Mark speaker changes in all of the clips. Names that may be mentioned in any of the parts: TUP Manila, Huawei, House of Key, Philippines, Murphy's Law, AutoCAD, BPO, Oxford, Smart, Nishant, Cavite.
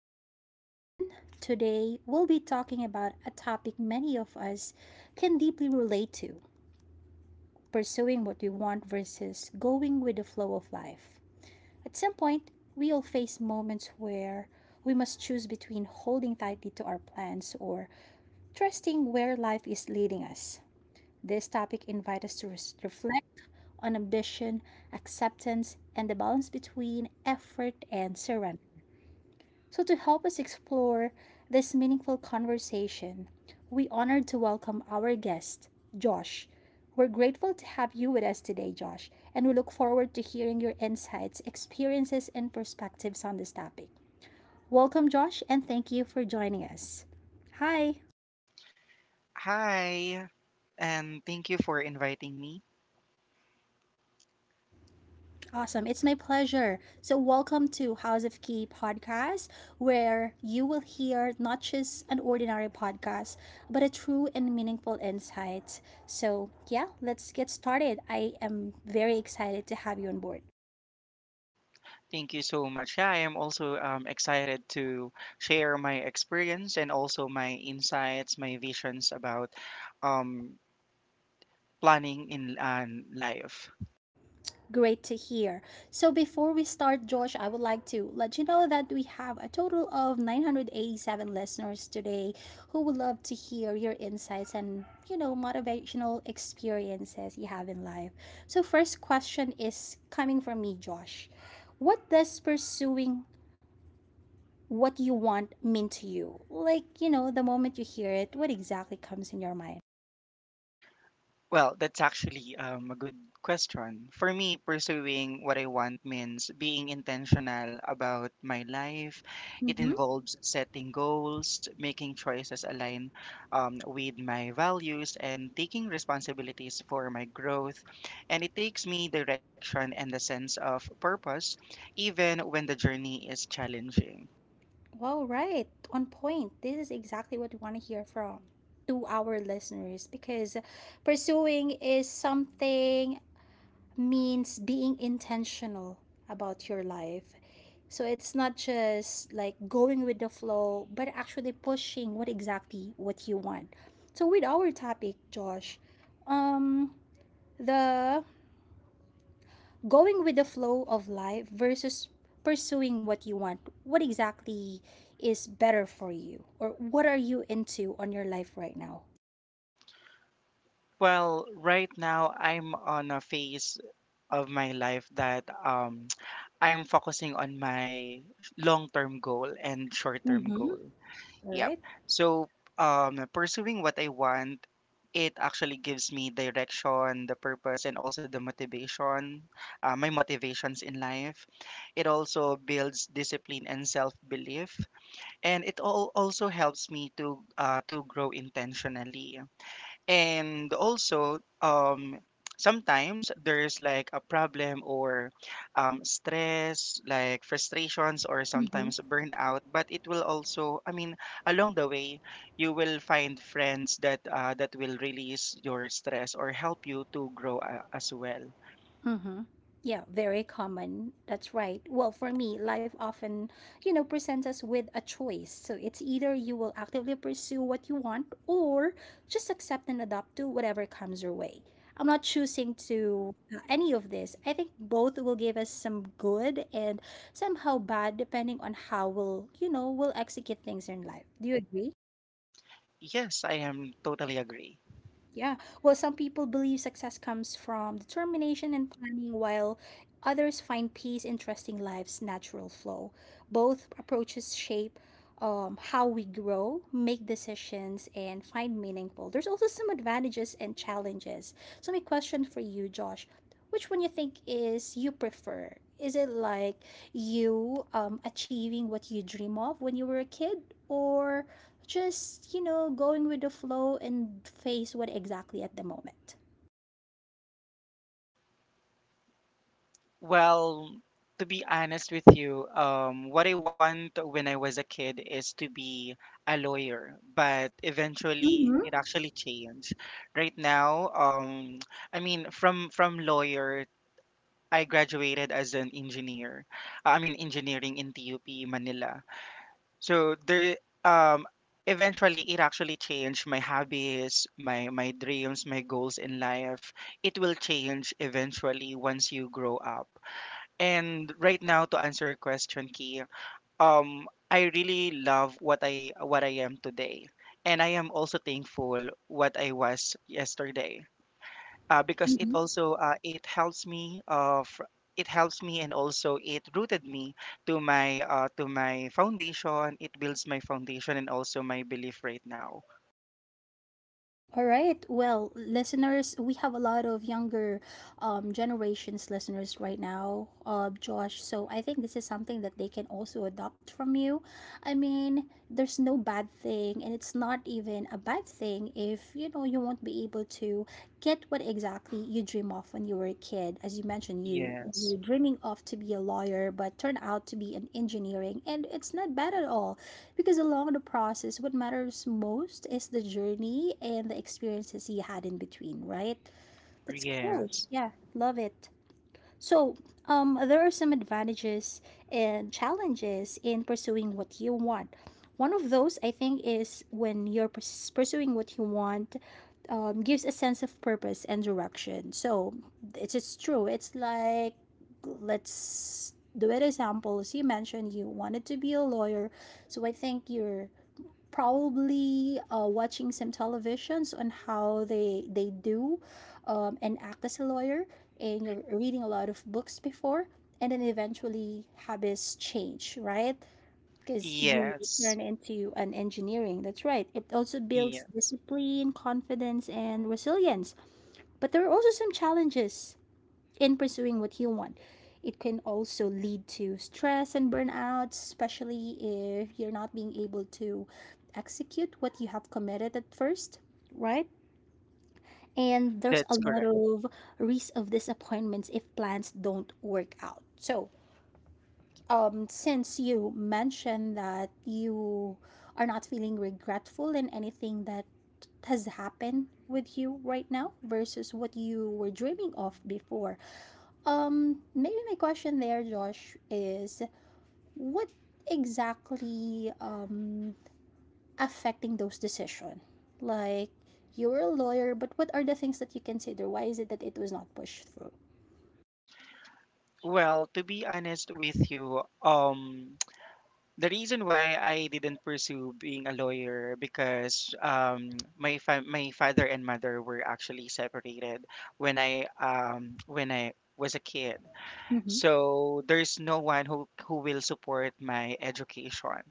Speaker 1: day, everyone. Today, we'll be talking about a topic many of us can deeply relate to: pursuing what we want versus going with the flow of life. At some point, we'll face moments where we must choose between holding tightly to our plans or trusting where life is leading us. This topic invites us to reflect on ambition, acceptance, and the balance between effort and surrender. So, to help us explore this meaningful conversation, we honored to welcome our guest, Josh. We're grateful to have you with us today, Josh, and we look forward to hearing your insights, experiences, and perspectives on this topic. Welcome, Josh, and thank you for joining us. Hi.
Speaker 2: Hi, and thank you for inviting me.
Speaker 1: Awesome. It's my pleasure. So, welcome to House of Key podcast, where you will hear not just an ordinary podcast, but a true and meaningful insight. So, yeah, let's get started. I am very excited to have you on board.
Speaker 2: Thank you so much. Yeah, I am also excited to share my experience and also my insights, my visions about um, planning in life.
Speaker 1: Great to hear. So before we start, Josh, I would like to let you know that we have a total of 987 listeners today who would love to hear your insights and, you know, motivational experiences you have in life. So first question is coming from me, Josh. What does pursuing what you want mean to you? Like, you know, the moment you hear it, what exactly comes in your mind?
Speaker 2: Well, that's actually a good question. For me, pursuing what I want means being intentional about my life. It involves setting goals, making choices align with my values, and taking responsibilities for my growth. And it takes me direction and a sense of purpose, even when the journey is challenging.
Speaker 1: Well, right. On point. This is exactly what we want to hear from to our listeners because pursuing is something means being intentional about your life. So it's not just like going with the flow, but actually pushing what exactly what you want. So with our topic, Josh, um the going with the flow of life versus pursuing what you want, what exactly is better for you, or what are you into on your life right now?
Speaker 2: Well, right now I'm on a phase of my life that I'm focusing on my long-term goal and short-term
Speaker 1: Mm-hmm.
Speaker 2: goal.
Speaker 1: All
Speaker 2: Yep.
Speaker 1: right.
Speaker 2: So pursuing what I want, it actually gives me direction, the purpose, and also the motivation, my motivations in life. It also builds discipline and self-belief, and it all also helps me to grow intentionally and also sometimes there's like a problem or stress like frustrations or sometimes burnout, but it will also, I mean, along the way you will find friends that that will release your stress or help you to grow as well.
Speaker 1: Mm-hmm. Yeah, very common. That's right. Well, for me, life often, you know, presents us with a choice. So it's either you will actively pursue what you want or just accept and adapt to whatever comes your way. I'm not choosing to any of this. I think both will give us some good and somehow bad depending on how we'll, you know, we'll execute things in life. Do you agree?
Speaker 2: Yes, I am totally agree.
Speaker 1: Yeah. Well, some people believe success comes from determination and planning, while others find peace in trusting life's natural flow. Both approaches shape how we grow, make decisions, and find meaningful. There's also some advantages and challenges. So, my question for you, Josh, which one you think is you prefer? Is it like you achieving what you dream of when you were a kid, or just, you know, going with the flow and face what exactly at the moment?
Speaker 2: Well, to be honest with you, what I want when I was a kid is to be a lawyer, but eventually
Speaker 1: Mm-hmm.
Speaker 2: it actually changed. Right now, I mean, from lawyer, I graduated as an engineer. I mean, engineering in TUP Manila. So there, um, eventually it actually changed my hobbies, my dreams, my goals in life. It will change eventually once you grow up, and right now, to answer your question, Key, I really love what I am today, and I am also thankful what I was yesterday, because it also it helps me, and also it rooted me to my foundation. It builds my foundation and also my belief right now.
Speaker 1: All right. Well, listeners, we have a lot of younger generations listeners right now, Josh. So I think this is something that they can also adopt from you. I mean, there's no bad thing, and it's not even a bad thing if you know you won't be able to get what exactly you dream of when you were a kid. As you mentioned, you're
Speaker 2: Yes,
Speaker 1: dreaming of to be a lawyer, but turn out to be an engineering, and it's not bad at all. Because along the process, what matters most is the journey and the experiences he had in between, right? That's cool.
Speaker 2: yes,
Speaker 1: Yeah, love it. So, there are some advantages and challenges in pursuing what you want. One of those, I think, is when you're pursuing what you want, gives a sense of purpose and direction. So, it's true. It's like, let's do an example. As you mentioned, you wanted to be a lawyer. So I think you're probably watching some televisions on how they do and act as a lawyer, and you're reading a lot of books before, and then eventually habits change, right? Because you
Speaker 2: yes,
Speaker 1: turn into an engineering. That's right. It also builds
Speaker 2: yes.
Speaker 1: discipline, confidence, and resilience. But there are also some challenges in pursuing what you want. It can also lead to stress and burnout, especially if you're not being able to execute what you have committed at first, right? And there's
Speaker 2: That's
Speaker 1: a lot
Speaker 2: correct.
Speaker 1: of risk of disappointments if plans don't work out. So, since you mentioned that you are not feeling regretful in anything that has happened with you right now versus what you were dreaming of before. Maybe my question there, Josh, is what exactly affecting those decision? Like, you're a lawyer, but what are the things that you consider? Why is it that it was not pushed through?
Speaker 2: Well, to be honest with you, the reason why I didn't pursue being a lawyer because my father and mother were actually separated when I was a kid.
Speaker 1: Mm-hmm.
Speaker 2: So there's no one who will support my education.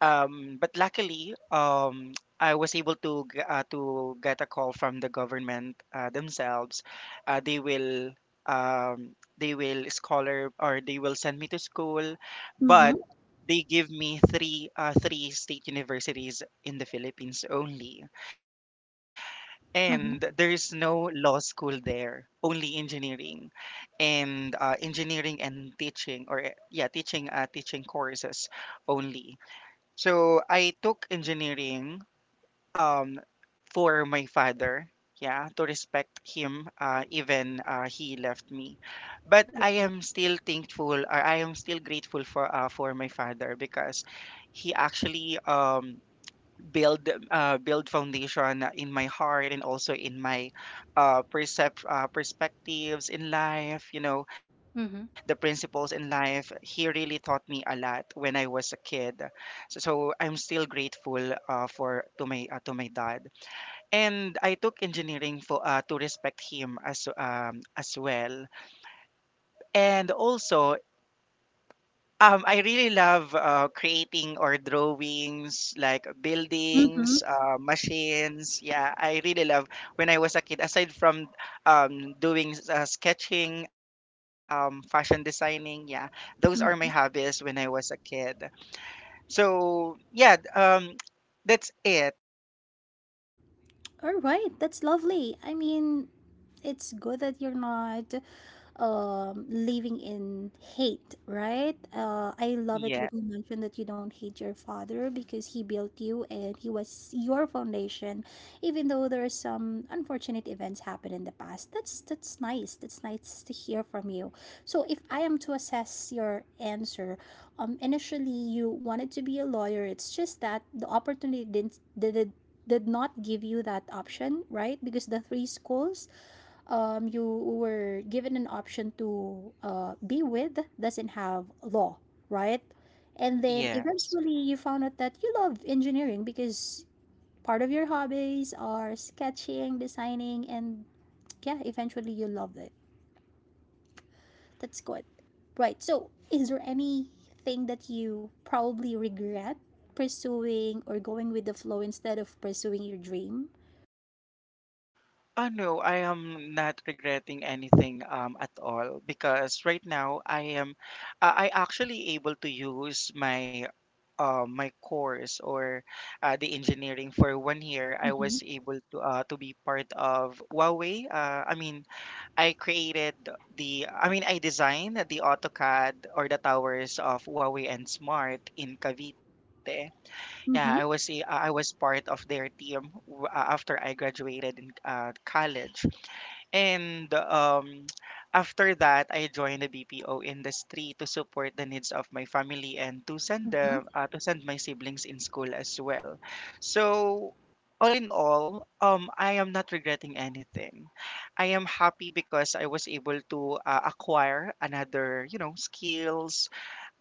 Speaker 2: But luckily, I was able to to get a call from the government themselves. They will they will scholar, or they will send me to school,
Speaker 1: Mm-hmm.
Speaker 2: but they give me three state universities in the Philippines only, and there is
Speaker 1: Mm-hmm.
Speaker 2: no law school there. Only engineering, and engineering and teaching, or yeah, teaching courses only. So I took engineering, um for my father, yeah, to respect him, even he left me. But I
Speaker 1: Okay.
Speaker 2: am still thankful, or I am still grateful for my father, because he actually build foundation in my heart and also in my perspectives in life, you know, the
Speaker 1: Mm-hmm.
Speaker 2: principles in life. He really taught me a lot when I was a kid. So I'm still grateful for to my dad, and I took engineering for to respect him as well. And also, I really love creating or drawings like
Speaker 1: Mm-hmm.
Speaker 2: buildings, machines. Yeah, I really love when I was a kid. Aside from sketching, fashion designing, yeah, those are my hobbies when
Speaker 1: Mm-hmm.
Speaker 2: I was a kid. So yeah, that's it.
Speaker 1: All right, that's lovely. I mean, it's good that you're not living in hate, right? I love it
Speaker 2: Yeah,
Speaker 1: when you mentioned that you don't hate your father because he built you and he was your foundation, even though there are some unfortunate events happen in the past. That's nice. That's nice to hear from you. So if I am to assess your answer, initially you wanted to be a lawyer. It's just that the opportunity did not give you that option, right? Because the three schools you were given an option to be with doesn't have law, right? And then
Speaker 2: yes.
Speaker 1: eventually you found out that you love engineering because part of your hobbies are sketching, designing, and yeah, eventually you loved it. That's good. Right. So, is there anything that you probably regret pursuing or going with the flow instead of pursuing your dream?
Speaker 2: Oh no, I am not regretting anything at all, because right now I am I actually able to use my my course or the engineering for 1 year. I
Speaker 1: Mm-hmm.
Speaker 2: was able to be part of Huawei. I mean, I created the I mean I designed the AutoCAD or the towers of Huawei and Smart in Cavite. Yeah,
Speaker 1: Mm-hmm.
Speaker 2: I was part of their team after I graduated in college. And after that, I joined the BPO industry to support the needs of my family and to send
Speaker 1: Mm-hmm.
Speaker 2: them to send my siblings in school as well. So all in all, I am not regretting anything. I am happy because I was able to acquire another, you know, skills.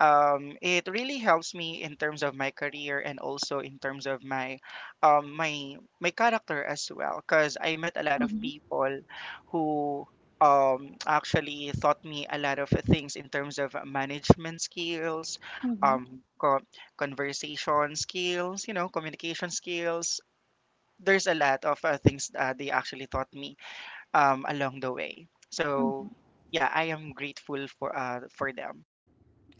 Speaker 2: It really helps me in terms of my career and also in terms of my character as well, because I met a lot of
Speaker 1: Mm-hmm.
Speaker 2: people who actually taught me a lot of things in terms of management skills,
Speaker 1: Mm-hmm.
Speaker 2: um, co- conversation skills, you know, communication skills. There's a lot of things they actually taught me along the way. So yeah, I am grateful for them.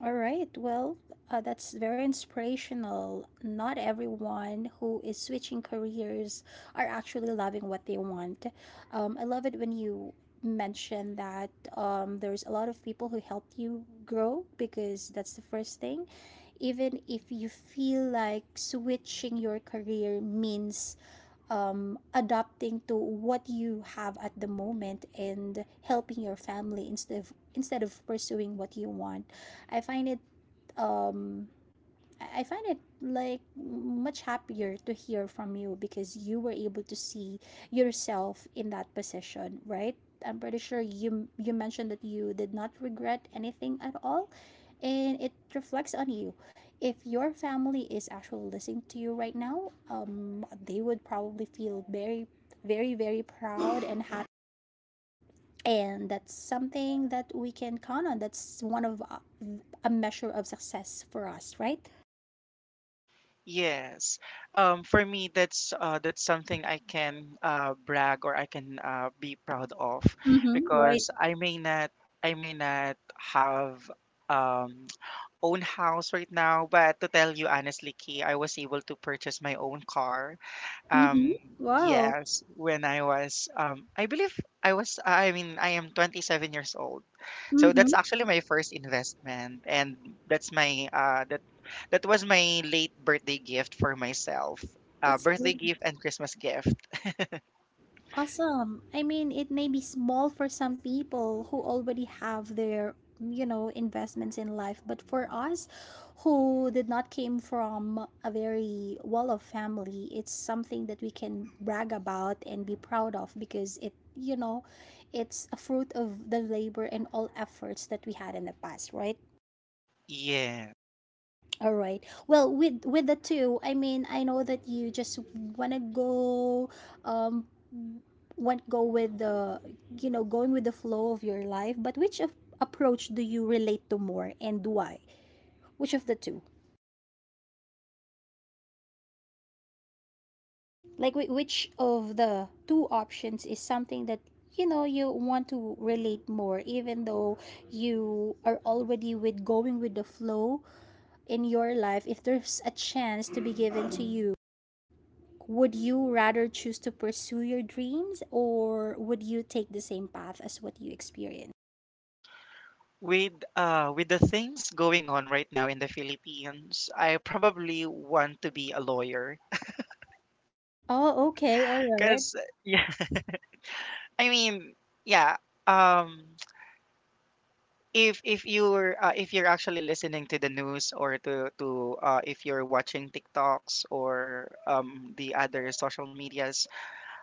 Speaker 1: All right. Well, that's very inspirational. Not everyone who is switching careers are actually loving what they want. I love it when you mention that there's a lot of people who helped you grow because that's the first thing. Even if you feel like switching your career means adapting to what you have at the moment and helping your family instead of pursuing what you want. I find it um I find it like much happier to hear from you because you were able to see yourself in that position, right? I'm pretty sure you mentioned that you did not regret anything at all, and it reflects on you. If your family is actually listening to you right now, um, they would probably feel very, very, very proud and happy, and that's something that we can count on. That's one of a measure of success for us, right?
Speaker 2: Yes. For me, that's something I can brag, or I can be proud of,
Speaker 1: Mhm, right.
Speaker 2: because I may not have um, own house right now, but to tell you honestly, Key, I was able to purchase my own car.
Speaker 1: Mhm.
Speaker 2: Um,
Speaker 1: Wow.
Speaker 2: yes, when I was I believe I was I mean I am 27 years old. So that's
Speaker 1: Mhm.
Speaker 2: actually my first investment, and that's my that was my late birthday gift for myself.
Speaker 1: That's
Speaker 2: Birthday
Speaker 1: good.
Speaker 2: gift and Christmas gift.
Speaker 1: Awesome. I mean, it may be small for some people who already have their, you know, investments in life, but for us who did not came from a very well-off family, it's something that we can brag about and be proud of because it, you know, it's a fruit of the labor and all efforts that we had in the past, right?
Speaker 2: Yeah.
Speaker 1: All right. Well, with the two, I mean, I know that you just wanna go, um, want go with the, you know, going with the flow of your life. But which of approach do you relate to more, and why? Which of the two? Like, which of the two options is something that you know you want to relate more, even though you are already with going with the flow in your life? If there's a chance to be given to you, would you rather choose to pursue your dreams, or would you take the same path as what you experienced?
Speaker 2: With the things going on right now in the Philippines, I probably want to be a lawyer.
Speaker 1: Oh,
Speaker 2: Cause
Speaker 1: okay. All
Speaker 2: yeah,
Speaker 1: right.
Speaker 2: I mean, yeah. Um, if you're if you're actually listening to the news, or to if you're watching TikToks, or the other social medias,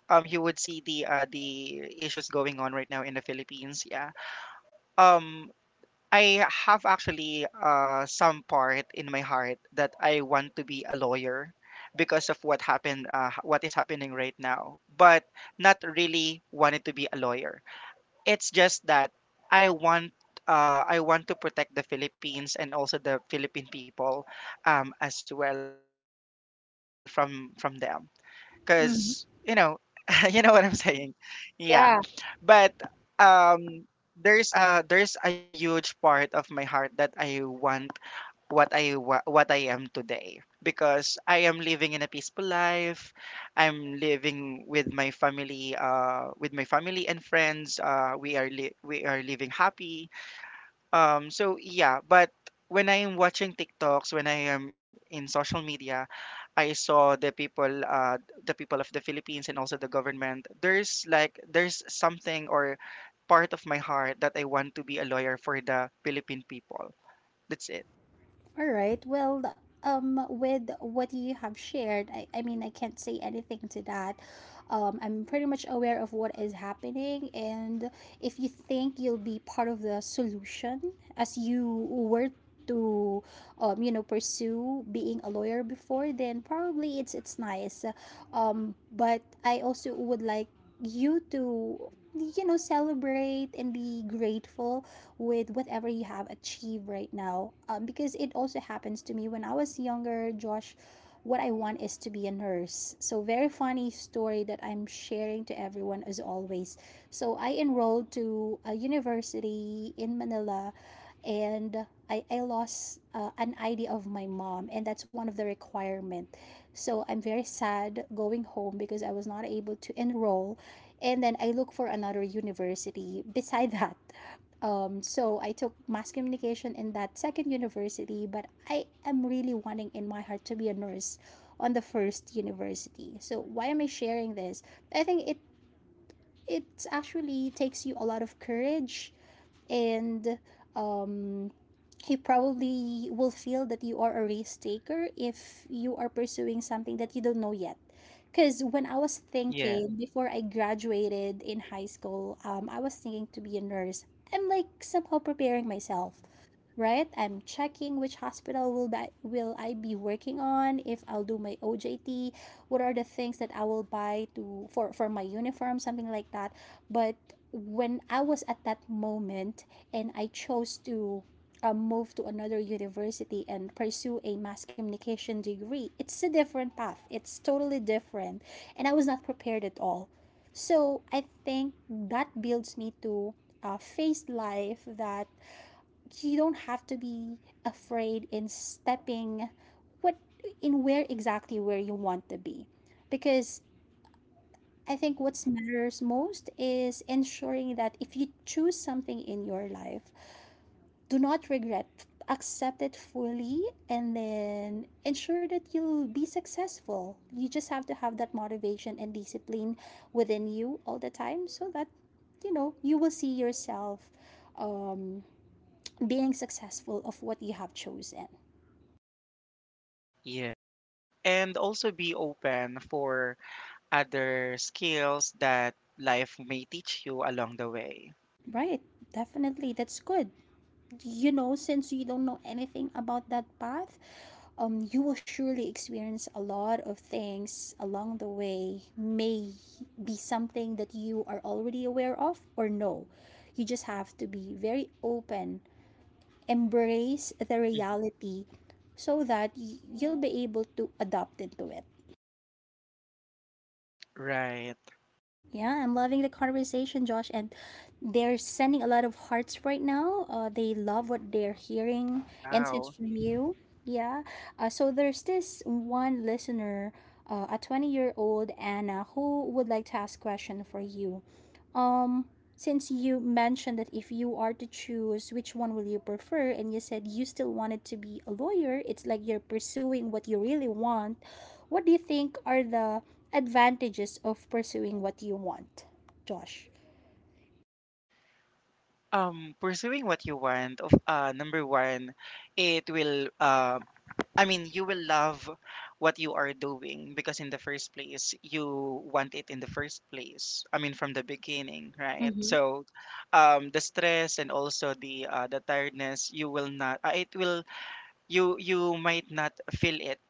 Speaker 2: you would see the issues going on right now in the Philippines. Yeah. Um I have actually some part in my heart that I want to be a lawyer because of what happened what is happening right now, but not really wanted to be a lawyer. It's just that I want I want to protect the Philippines, and also the Philippine people as well, from them, because you know,
Speaker 1: Mhm.
Speaker 2: you know what I'm saying. Yeah,
Speaker 1: Yeah.
Speaker 2: but um there's a huge part of my heart that I want what I am today, because I am living in a peaceful life. I'm living with my family, and friends. We are living happy, so yeah. But when I am watching TikToks, when I am in social media, I saw the people of the Philippines and also the government. There's like there's something, or part of my heart that I want to be a lawyer for the Philippine people. That's it.
Speaker 1: All right. Well, with what you have shared, I mean, I can't say anything to that. I'm pretty much aware of what is happening. And if you think you'll be part of the solution as you were to you know, pursue being a lawyer before, then probably it's nice, but I also would like you to, you know, celebrate and be grateful with whatever you have achieved right now. Because it also happens to me when I was younger, Josh, what I want is to be a nurse. So, very funny story that I'm sharing to everyone as always. So, I enrolled to a university in Manila, and I lost an ID of my mom, and that's one of the requirement. So I'm very sad going home because I was not able to enroll. And then I look for another university beside that, so I took mass communication in that second university, but I am really wanting in my heart to be a nurse on the first university. So why am I sharing this? I think it actually takes you a lot of courage and um, you probably will feel that you are a risk taker if you are pursuing something that you don't know yet. Because when I was
Speaker 2: Yeah,
Speaker 1: thinking before I graduated in high school, I was thinking to be a nurse. I'm like somehow preparing myself, right? I'm checking which hospital will that will I be working on, if I'll do my OJT, what are the things that I will buy to for my uniform, something like that. But when I was at that moment and I chose to move to another university and pursue a mass communication degree, it's a different path. It's totally different. And I was not prepared at all. So I think that builds me to face life that you don't have to be afraid in stepping what in where exactly where you want to be because I think what matters most is ensuring that if you choose something in your life, do not regret, accept it fully, and then ensure that you'll be successful. You just have to have that motivation and discipline within you all the time so that you will see yourself um, being successful of what you have chosen.
Speaker 2: yeah. And also be open for other skills that life may teach you along the way.
Speaker 1: Right. Definitely. That's good. You know, since you don't know anything about that path, you will surely experience a lot of things along the way, may be something that you are already aware of or no. You just have to be very open, embrace the
Speaker 2: Mhm.
Speaker 1: reality so that you'll be able to adapt into it.
Speaker 2: Right.
Speaker 1: Yeah, I'm loving the conversation, Josh, and they're sending a lot of hearts right now. They love what they're hearing and tips
Speaker 2: Wow.
Speaker 1: from you. Yeah. So there's this one listener, a 20-year-old Anna, who would like to ask question for you. Um, since you mentioned that if you are to choose which one will you prefer, and you said you still wanted to be a lawyer, it's like you're pursuing what you really want. What do you think are the advantages of pursuing what you want, Josh?
Speaker 2: Pursuing what you want, of number one, it will I mean, you will love what you are doing because in the first place you want it in the first place. I mean, from the beginning, right?
Speaker 1: Mm-hmm.
Speaker 2: So the stress and also the tiredness, you will not it will you might not feel it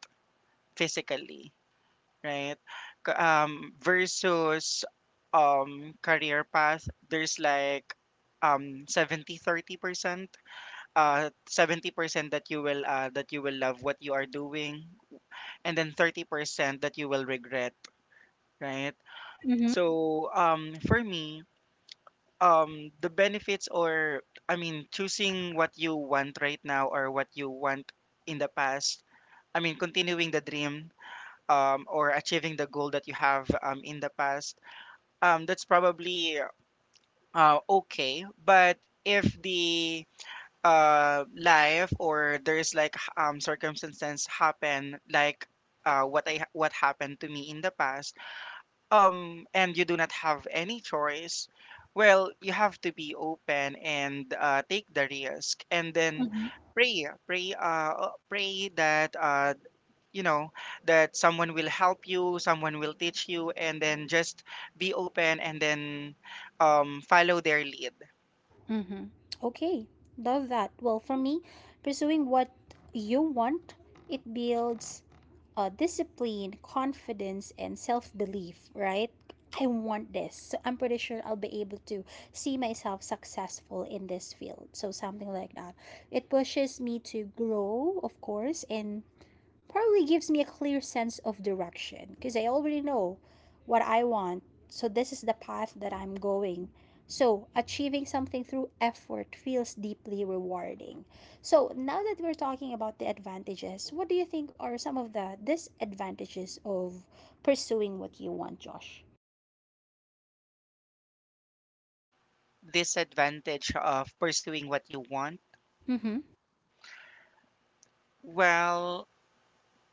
Speaker 2: physically, right? Versus career path, there's like 70/30 percent, 70% that you will love what you are doing, and then 30% that you will regret, right?
Speaker 1: Mm-hmm.
Speaker 2: So for me, the benefits, or I mean choosing what you want right now or what you want in the past, I mean continuing the dream or achieving the goal that you have in the past, that's probably okay. But if the life, or there's like circumstances happen like what happened to me in the past, and you do not have any choice, well, you have to be open and take the risk, and then
Speaker 1: Mm-hmm.
Speaker 2: pray, pray, pray that you know, that someone will help you, someone will teach you, and then just be open, and then follow their lead.
Speaker 1: Okay, love that. Well, for me, pursuing what you want, it builds discipline, confidence, and self belief, right? I want this. So I'm pretty sure I'll be able to see myself successful in this field. So something like that. It pushes me to grow, of course, in probably gives me a clear sense of direction because I already know what I want. So this is the path that I'm going. So achieving something through effort feels deeply rewarding. So now that we're talking about the advantages, what do you think are some of the disadvantages of pursuing what you want, Josh?
Speaker 2: This advantage of pursuing what you want,
Speaker 1: Mm-hmm.
Speaker 2: well,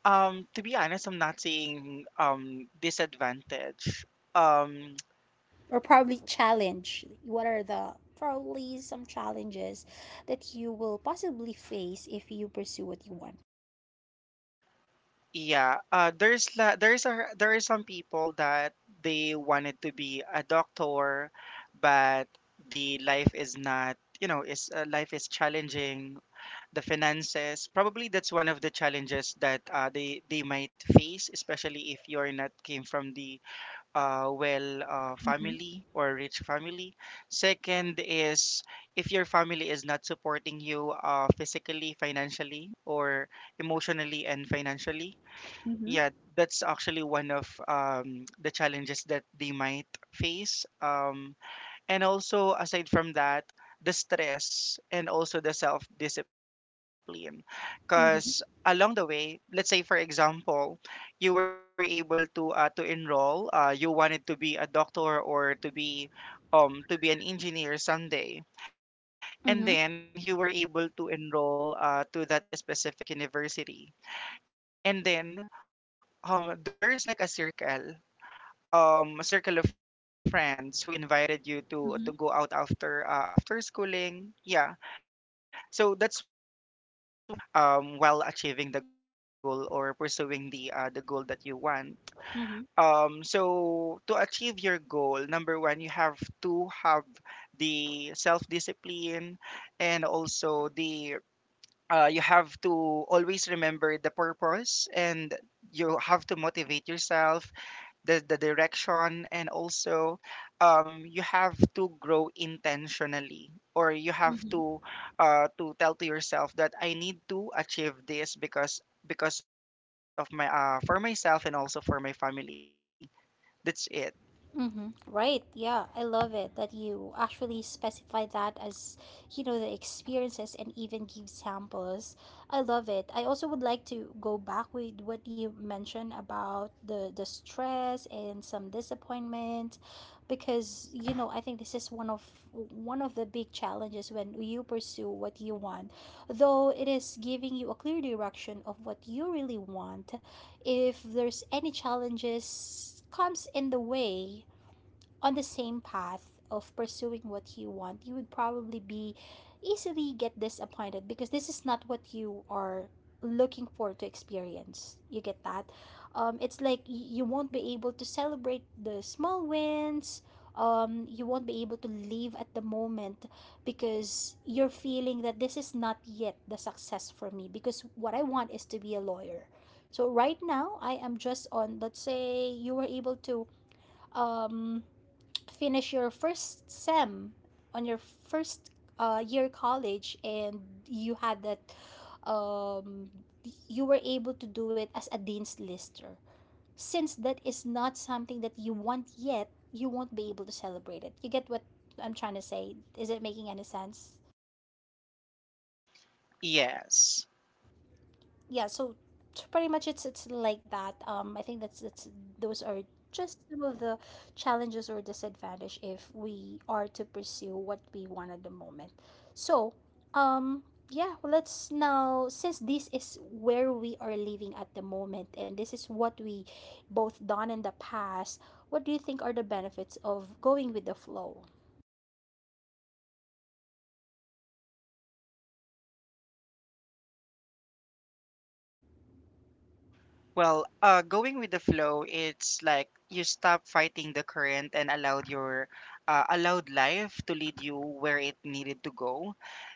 Speaker 2: to be honest, I'm not seeing disadvantage. um,
Speaker 1: Or probably challenge. What are the probably some challenges that you will possibly face if you pursue what you want?
Speaker 2: yeah, there's a, there are some people that they wanted to be a doctor, but the life is not, you know, is life is challenging. The finances, probably that's one of the challenges that they might face, especially if you're not came from the well,
Speaker 1: Mm-hmm.
Speaker 2: family or rich family. Second is if your family is not supporting you, physically, financially, or emotionally and financially. Yeah, that's actually one of the challenges that they might face. And also aside from that, the stress and also the self discipline because
Speaker 1: Mm-hmm.
Speaker 2: along the way, let's say for example, you were able to enroll you wanted to be a doctor or to be an engineer someday, and then you
Speaker 1: Ừm
Speaker 2: were
Speaker 1: hứm,
Speaker 2: able to enroll to that specific university. And then there's like a circle, a circle of friends who invited you to go out after after
Speaker 1: ừm hứm,
Speaker 2: schooling, yeah. So that's one of the challenges that you may you might face, while achieving the goal or pursuing the goal that you want. So to achieve your goal, number one, you have to have the self discipline, and also the you have to always remember the purpose, and you have to motivate yourself, the direction, and also you have to grow intentionally, or you have to tell to yourself that I need to achieve this because of my for myself and also for my family. That's it.
Speaker 1: Mm-hmm. Right. Yeah, I love it that you actually specify that as, you know, the experiences and even give samples. I love it. I also would like to go back with what you mentioned about the stress and some disappointment because, you know, I think this is one of the big challenges when you pursue what you want. Though it is giving you a clear direction of what you really want, if there's any challenges comes in the way on the same path of pursuing what you want, you would probably be easily get disappointed because this is not what you are looking for to experience. You get that? It's like you won't be able to celebrate the small wins. You won't be able to live at the moment because you're feeling that this is not yet the success for me because what I want is to be a lawyer. So right now I am just on let's say you were able to um finish your first sem on your first year college and you had that um, you were able to do it as a dean's lister since that is not something that you want yet you won't be able to celebrate it. You get what I'm trying to say? Is it making any sense?
Speaker 2: Yes.
Speaker 1: Yeah. So pretty much it's like that. I think that's those are just some of the challenges or disadvantage if we are to pursue what we want at the moment. So um yeah, well, let's now, since this is where we are living at the moment and this is what we both done in the past, what do you think are the benefits of going with the flow?
Speaker 2: Well, going with the flow, it's like you stop fighting the current and allowed your allowed life to lead you where it needed to go.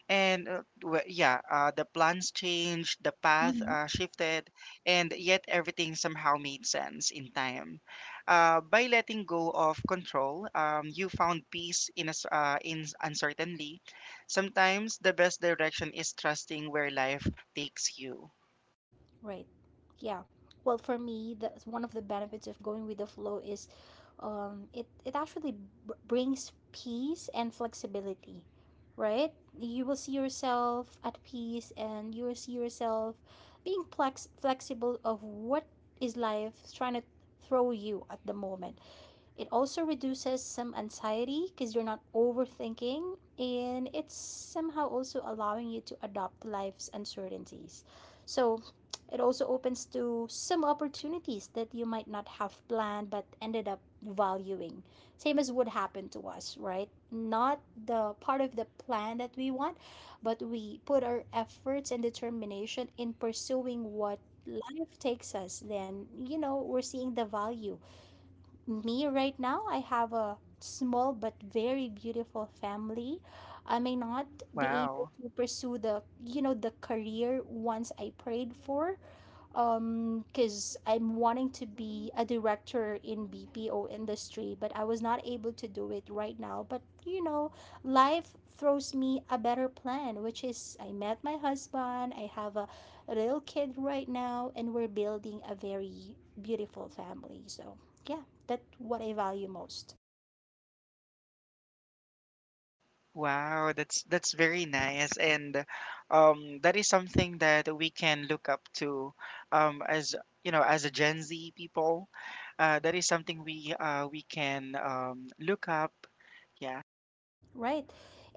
Speaker 2: And yeah, the plans changed, the path shifted, and yet everything somehow made sense in time. By letting go of control, you found peace in us in uncertainty. Sometimes the best direction is trusting where life takes you.
Speaker 1: Right. Yeah. Well, for me, that's one of the benefits of going with the flow is it, it actually brings peace and flexibility, right? You will see yourself at peace and you will see yourself being flexible of what is life trying to throw you at the moment. It also reduces some anxiety because you're not overthinking, and it's somehow also allowing you to adopt life's uncertainties. So, it also opens to some opportunities that you might not have planned but ended up valuing. Same as would happen to us, right? Not the part of the plan that we want, but we put our efforts and determination in pursuing what life takes us, then, you know, we're seeing the value. Me right now, I have a small but very beautiful family. I may not be able
Speaker 2: Wow.
Speaker 1: to pursue the, you know, the career once I prayed for, because I'm wanting to be a director in BPO industry but I was not able to do it right now. But you know, life throws me a better plan, which is I met my husband, I have a little kid right now, and we're building a very beautiful family. So yeah, that's what I value most.
Speaker 2: Wow, that's very nice, and that is something that we can look up to, as you know, as a Gen Z people. That is something we can look up. Yeah,
Speaker 1: Right.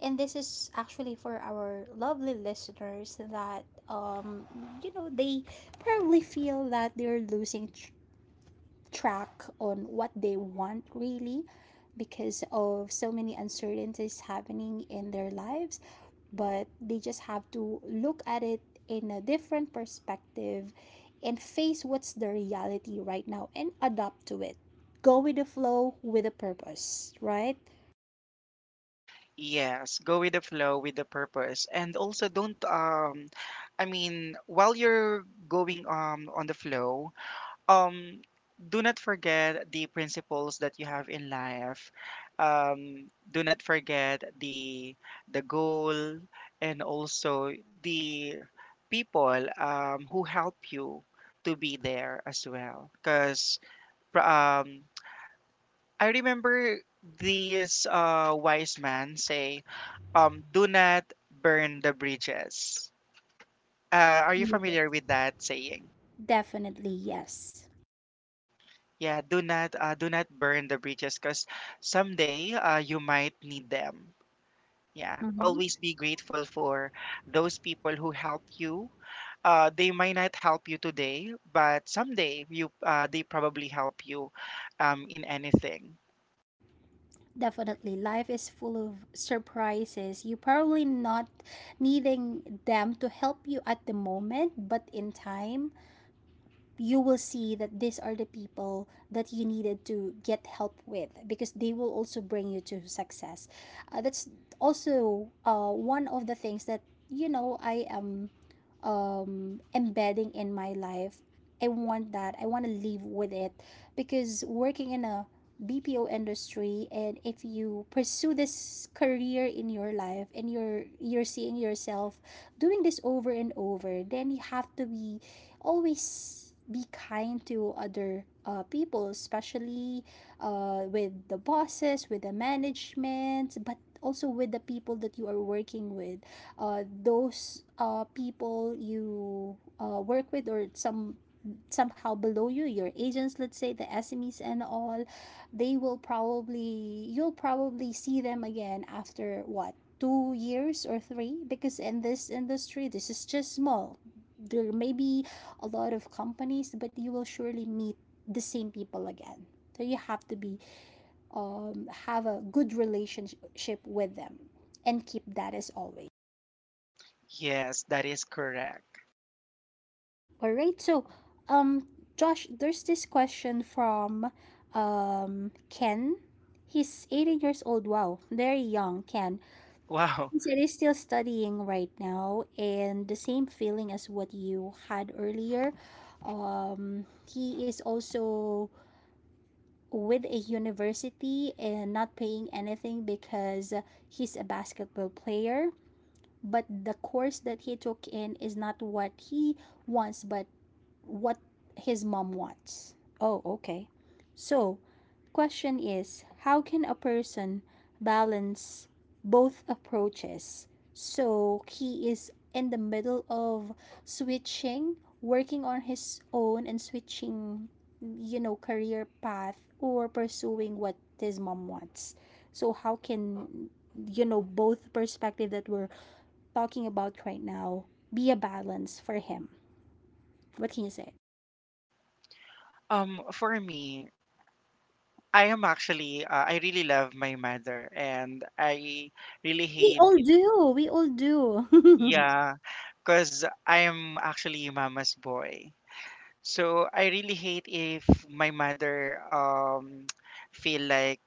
Speaker 1: And this is actually for our lovely listeners that you know they probably feel that they're losing track on what they want really because of so many uncertainties happening in their lives, but they just have to look at it in a different perspective and face what's the reality right now and adapt to it. Go with the flow with a purpose, right?
Speaker 2: yes, go with the flow, with the purpose, and also don't. I mean, while you're going on the flow, um do not forget the principles that you have in life. Do not forget the goal, and also the people who help you to be there as well, because um I remember this wise man say, do not burn the bridges. Are you familiar with that saying?
Speaker 1: Definitely yes.
Speaker 2: Yeah, do not burn the bridges, because someday you might need them. Yeah,
Speaker 1: Hmm.
Speaker 2: always be grateful for those people who help you. They might not help you today, but someday you they probably help you, in anything.
Speaker 1: Definitely, life is full of surprises. You probably not needing them to help you at the moment, but in time, you will see that these are the people that you needed to get help with because they will also bring you to success. That's also one of the things that you know I am embedding in my life. I want that. I want to live with it because working in a BPO industry and if you pursue this career in your life and you're seeing yourself doing this over and over, then you have to be always be kind to other people, especially with the bosses, with the management, but also with the people that you are working with, those people you work with or some somehow below you, your agents, let's say the SMEs and all, they will probably you'll probably see them again after what, 2 years or three, because in this industry this is just small. There may be a lot of companies but you will surely meet the same people again. So you have to be have a good relationship with them and keep that as always.
Speaker 2: Yes, that is correct.
Speaker 1: All right. So, um, Josh, there's this question from Ken. He's 18 years old. Wow, very young, Ken.
Speaker 2: Wow.
Speaker 1: He said he's still studying right now, and the same feeling as what you had earlier. He is also with a university and not paying anything because he's a basketball player. But the course that he took in is not what he wants, but what his mom wants. Oh, okay. So, question is how can a person balance both approaches? So, he is in the middle of switching, working on his own and switching, you know, career path or pursuing what his mom wants. So, how can you know both perspective that we're talking about right now be a balance for him? What can you say?
Speaker 2: For me, I am actually I really love my mother, and I really
Speaker 1: We
Speaker 2: hate
Speaker 1: all
Speaker 2: it.
Speaker 1: do, we all do.
Speaker 2: Yeah, because I am actually mama's boy. So I really hate if my mother feel like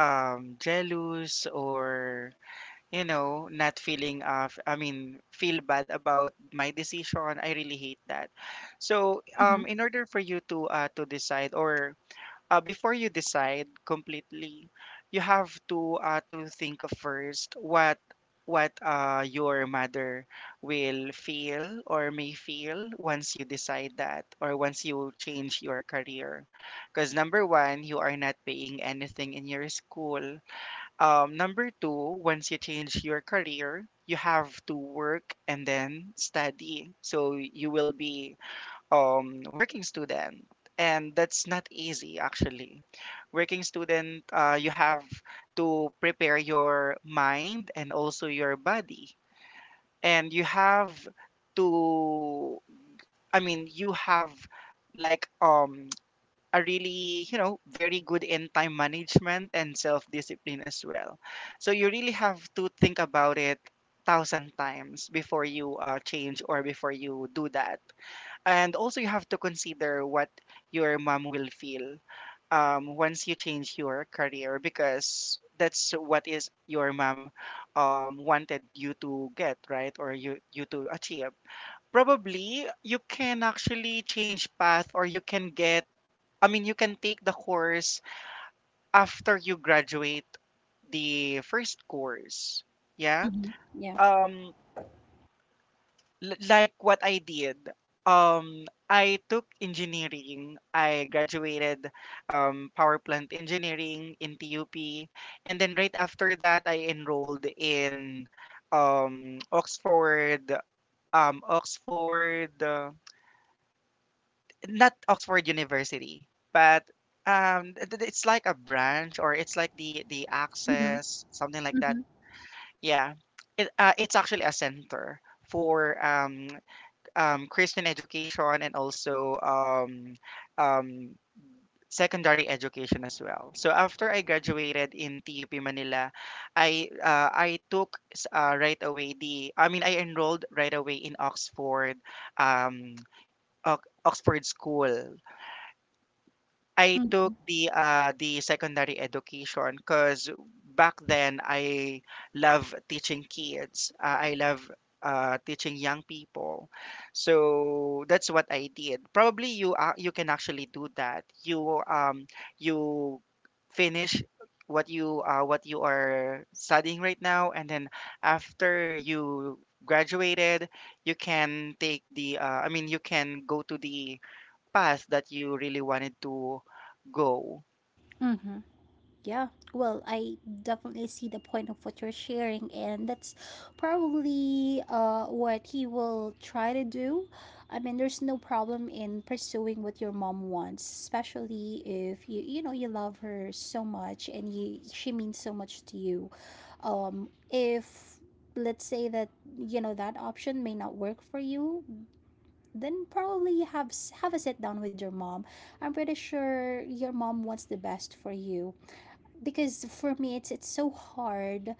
Speaker 2: jealous, or you know, not feeling I mean feel bad about my decision. I really hate that. So
Speaker 1: Mhm,
Speaker 2: in order for you to decide, or before you decide completely, you have to think of first what what your mother will feel or may feel once you decide that, or once you change your career. Because number one, you are not paying anything in your school. Number two, once you change your career, you have to work and then study. So you will be working student, and that's not easy actually. Working student, you have to prepare your mind and also your body, and you have to. I mean, you have like a really, you know, very good in time management and self discipline as well. So you really have to think about it thousand times before you change, or before you do that. And also you have to consider what your mom will feel, once you change your career, because that's what is your mom wanted you to get, right? Or you to achieve. Probably you can actually change path, or you can get, I mean, you can take the course after you graduate the first course, yeah.
Speaker 1: mhm. Yeah.
Speaker 2: um like what I did. I took engineering. I graduated power plant engineering in TUP, and then right after that, I enrolled in Oxford, um, Oxford, uh, not Oxford University, but it's like a branch, or it's like the
Speaker 1: Mhm,
Speaker 2: access, something like that.
Speaker 1: mhm,
Speaker 2: Yeah, it's actually a center for Christian education, and also um, secondary education as well. So after I graduated in TUP Manila, I right away the, I mean, I enrolled right away in Oxford, um, Oxford School. I took
Speaker 1: mhm,
Speaker 2: the secondary education because back then I love teaching kids. I love teaching young people. So that's what I did. Probably you can actually do that. You finish what you are studying right now, and then after you graduated, you can take the I mean, you can go to the path that you really wanted to go.
Speaker 1: mhm. Yeah. Well, I definitely see the point of what you're sharing, and that's probably what he will try to do. I mean, there's no problem in pursuing what your mom wants, especially if you you know you love her so much and you she means so much to you. If let's say that you know that option may not work for you then probably have a sit down with your mom. I'm pretty sure your mom wants the best for you because for me it's so hard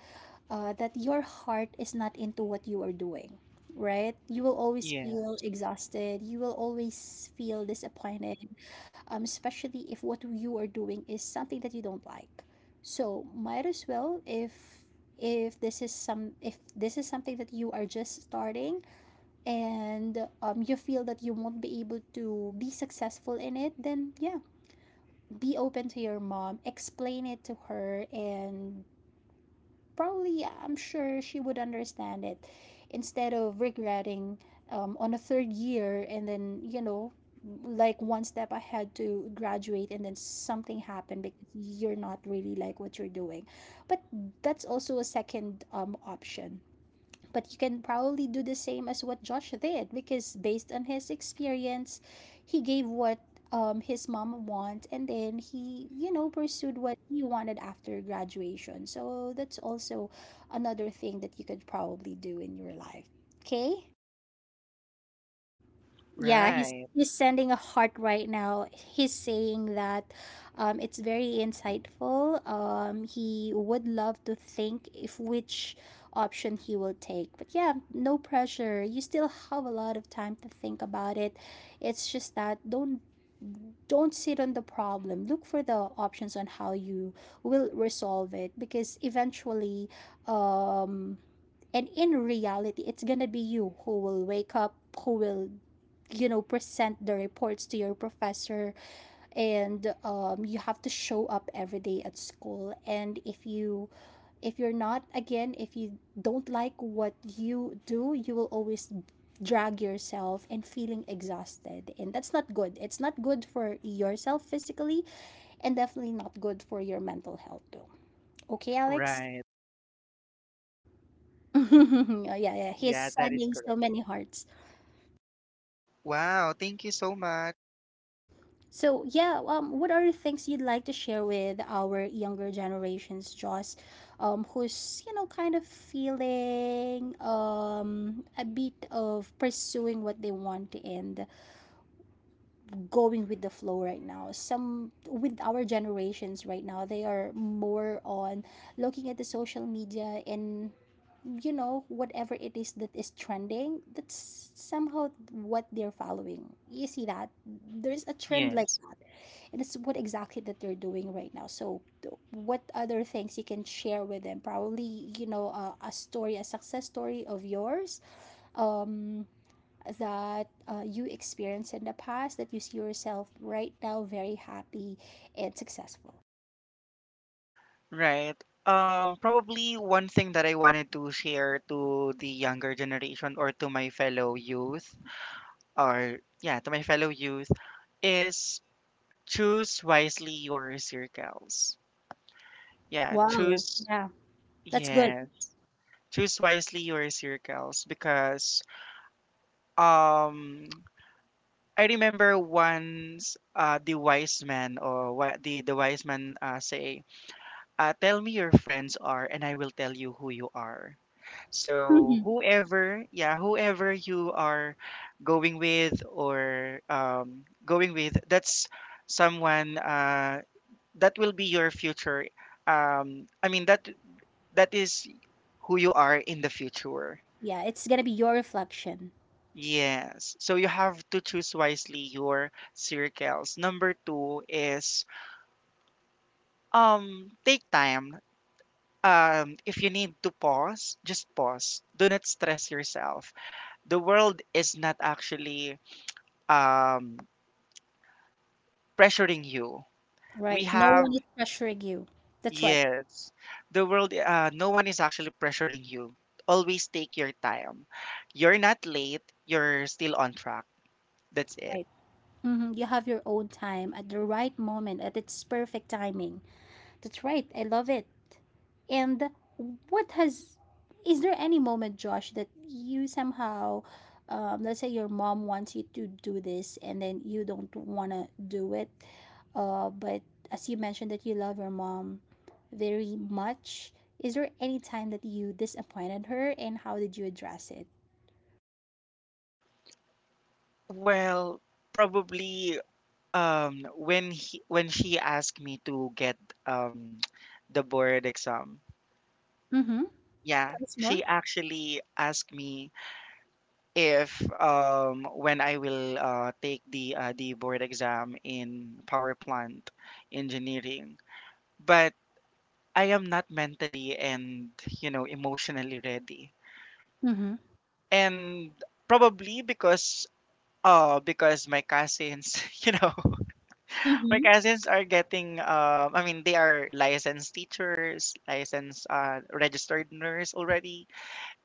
Speaker 1: that your heart is not into what you are doing. Right? You will always
Speaker 2: Yeah,
Speaker 1: feel exhausted. You will always feel disappointed, especially if what you are doing is something that you don't like. So might as well if this is some if this is something that you are just starting and you feel that you won't be able to be successful in it, then yeah, be open to your mom, explain it to her, and probably I'm sure she would understand it instead of regretting on a third year and then like one step ahead to graduate and then something happened because you're not really like what you're doing. But that's also a second option, but you can probably do the same as what Josh did because based on his experience, he gave what his mom want, and then he pursued what he wanted after graduation. So that's also another thing that you could probably do in your life. Okay? Yeah, he's
Speaker 2: right,
Speaker 1: he's sending a heart right now. He's saying that it's very insightful. He would love to think if which option he will take. But yeah, no pressure. You still have a lot of time to think about it. It's just that don't sit on the problem. Look for the options on how you will resolve it because eventually, um and in reality, it's gonna be you who will wake up, who will, you know, present the reports to your professor, and you have to show up every day at school. And if you, if you're not, again, if you don't like what you do, you will always drag yourself and feeling exhausted, and that's not good. It's not good for yourself physically and definitely not good for your mental health too. Okay, Alex.
Speaker 2: right.
Speaker 1: Yeah, he's
Speaker 2: Yeah, that is
Speaker 1: sending
Speaker 2: correct.
Speaker 1: so many hearts.
Speaker 2: Wow, thank you so much.
Speaker 1: So yeah, what are the things you'd like to share with our younger generations, Joss, who's, you know, kind of feeling a bit of pursuing what they want and going with the flow right now. Some with our generations right now, they are more on looking at the social media and, you know, whatever it is that is trending. That's somehow what they're following. You see that there's a trend like,
Speaker 2: Yes.
Speaker 1: and it's what exactly that they're doing right now, so what other things you can share with them, probably, you know, a story, a success story of yours, um that you experienced in the past that you see yourself right now very happy and successful.
Speaker 2: Right. Probably one thing that I wanted to share to the younger generation, or to my fellow youth, or yeah, to my fellow youth, is choose wisely your circles. Yeah,
Speaker 1: Wow,
Speaker 2: choose,
Speaker 1: yeah, that's good.
Speaker 2: yeah, choose wisely your circles, because um I remember once the wise man, or the wise man say, "Tell me your friends are, and I will tell you who you are." So
Speaker 1: Mhm.
Speaker 2: whoever, yeah, whoever you are going with, or going with, that's someone that will be your future. I mean, that is who you are in the future.
Speaker 1: Yeah, it's gonna be your reflection.
Speaker 2: Yes. So you have to choose wisely your circles. Number two is, take time. If you need to pause, just pause. Do not stress yourself. The world is not actually, um, pressuring you. We
Speaker 1: Right, no one
Speaker 2: have,
Speaker 1: is pressuring you. That's right.
Speaker 2: yes, the world, no one is actually pressuring you. Always take your time. You're not late, you're still on track. That's it.
Speaker 1: Right. Hmm, you have your own time at the right moment, at its perfect timing. That's right, I love it. And what has is there any moment, Josh, that you somehow, let's say your mom wants you to do this and then you don't want to do it, but as you mentioned that you love your mom very much, is there any time that you disappointed her and how did you address it?
Speaker 2: Well, probably when she asked me to get, um, the board exam.
Speaker 1: Mm-hmm.
Speaker 2: Yeah,
Speaker 1: Tell us
Speaker 2: she
Speaker 1: more.
Speaker 2: actually asked me if when I will take the board exam in power plant engineering, but I am not mentally and, you know, emotionally ready,
Speaker 1: Mm-hmm.
Speaker 2: and probably because my cousins you know, my
Speaker 1: Mm-hmm.
Speaker 2: cousins are getting I mean, they are licensed teachers, licensed registered nurse already,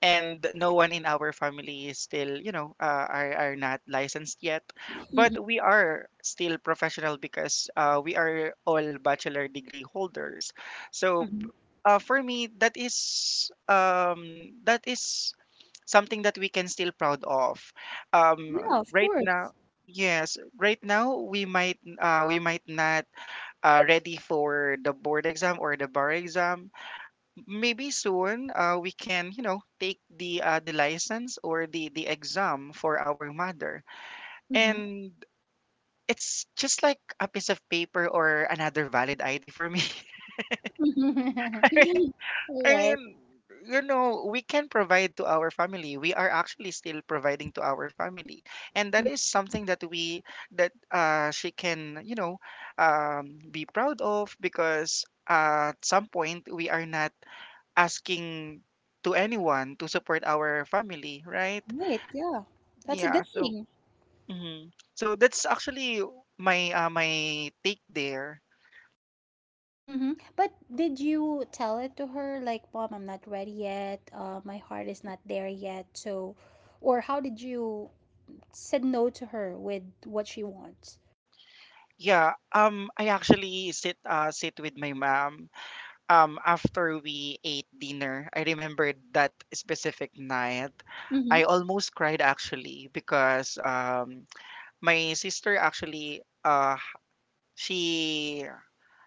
Speaker 2: and no one in our family is still, you know, are not licensed yet,
Speaker 1: Mm-hmm.
Speaker 2: but we are still professional, because we are all bachelor degree holders. So
Speaker 1: Mm-hmm.
Speaker 2: for me, that is something that we can still proud of,
Speaker 1: Yeah, of
Speaker 2: right now.
Speaker 1: course.
Speaker 2: Yes, right now we might not ready for the board exam, or the bar exam. Maybe soon we can, you know, take the license, or the exam for our mother.
Speaker 1: Mm-hmm.
Speaker 2: And it's just like a piece of paper, or another valid id for me.
Speaker 1: All
Speaker 2: I
Speaker 1: right.
Speaker 2: mean, you know, we can provide to our family, we are actually still providing to our family, and that is something that we, that she can, you know, be proud of, because at some point we are not asking to anyone to support our family, right?
Speaker 1: Right. Yeah. That's a
Speaker 2: Yeah,
Speaker 1: good
Speaker 2: so
Speaker 1: thing.
Speaker 2: mhm. So that's actually my my take there.
Speaker 1: Mm-hmm. But did you tell it to her like, "Mom, I'm not ready yet. My heart is not there yet." So, or how did you said no to her with what she wants?
Speaker 2: Yeah, I actually sit with my mom after we ate dinner. I remembered that specific night. I
Speaker 1: Mm-hmm.
Speaker 2: almost cried actually, because my sister actually she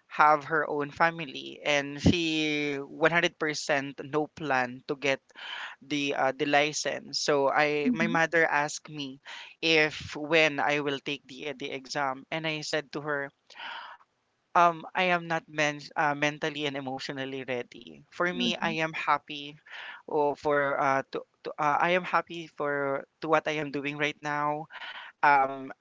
Speaker 2: have her own family, and she 100% no plan to get the license. So I my
Speaker 1: Mm-hmm.
Speaker 2: mother asked me if when I will take the exam, and I said to her I am not mentally and emotionally ready. For me, I
Speaker 1: Mm-hmm.
Speaker 2: am happy, oh, for to I am happy for to what I am doing right now. um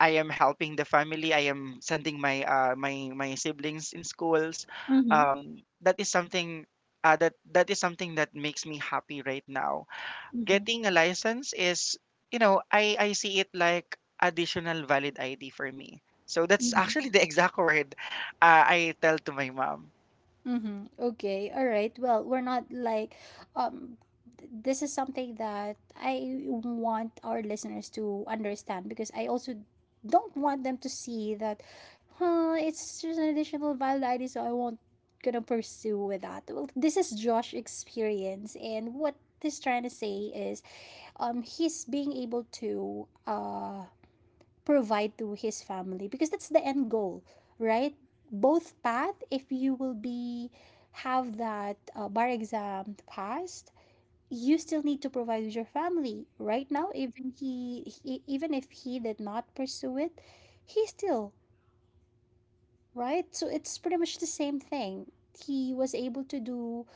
Speaker 2: I am helping the family. I am sending my my siblings in schools.
Speaker 1: Mm-hmm.
Speaker 2: That is something that that is something that makes me happy right now. Getting a license is, you know, I see it like additional valid ID for me. So that's
Speaker 1: Mm-hmm.
Speaker 2: actually the exact word I tell to my mom.
Speaker 1: Mm-hmm. Okay. All right. Well, we're not like, um, this is something that I want our listeners to understand because I also don't want them to see that, huh, it's just an additional validity, so I won't gonna pursue with that. Well, this is Josh' experience, and what he's trying to say is, he's being able to, provide to his family because that's the end goal, right? Both path, if you will be have that bar exam passed, you still need to provide with your family right now. Even he, even if he did not pursue it, he still, right? So it's pretty much the same thing. He was able to do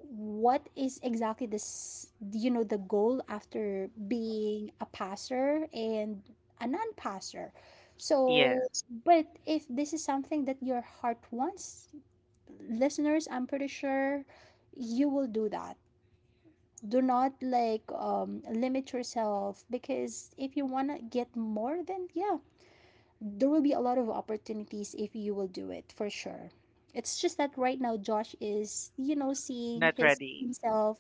Speaker 1: what is exactly this, you know, the goal after being a passer and a non passer.
Speaker 2: Yeah,
Speaker 1: So, but if this is something that your heart wants, listeners, I'm pretty sure you will do that. Do not like limit yourself because if you want to get more, then yeah, there will be a lot of opportunities if you will do it for sure. It's just that right now Josh is, you know, seeing
Speaker 2: not
Speaker 1: his
Speaker 2: ready.
Speaker 1: himself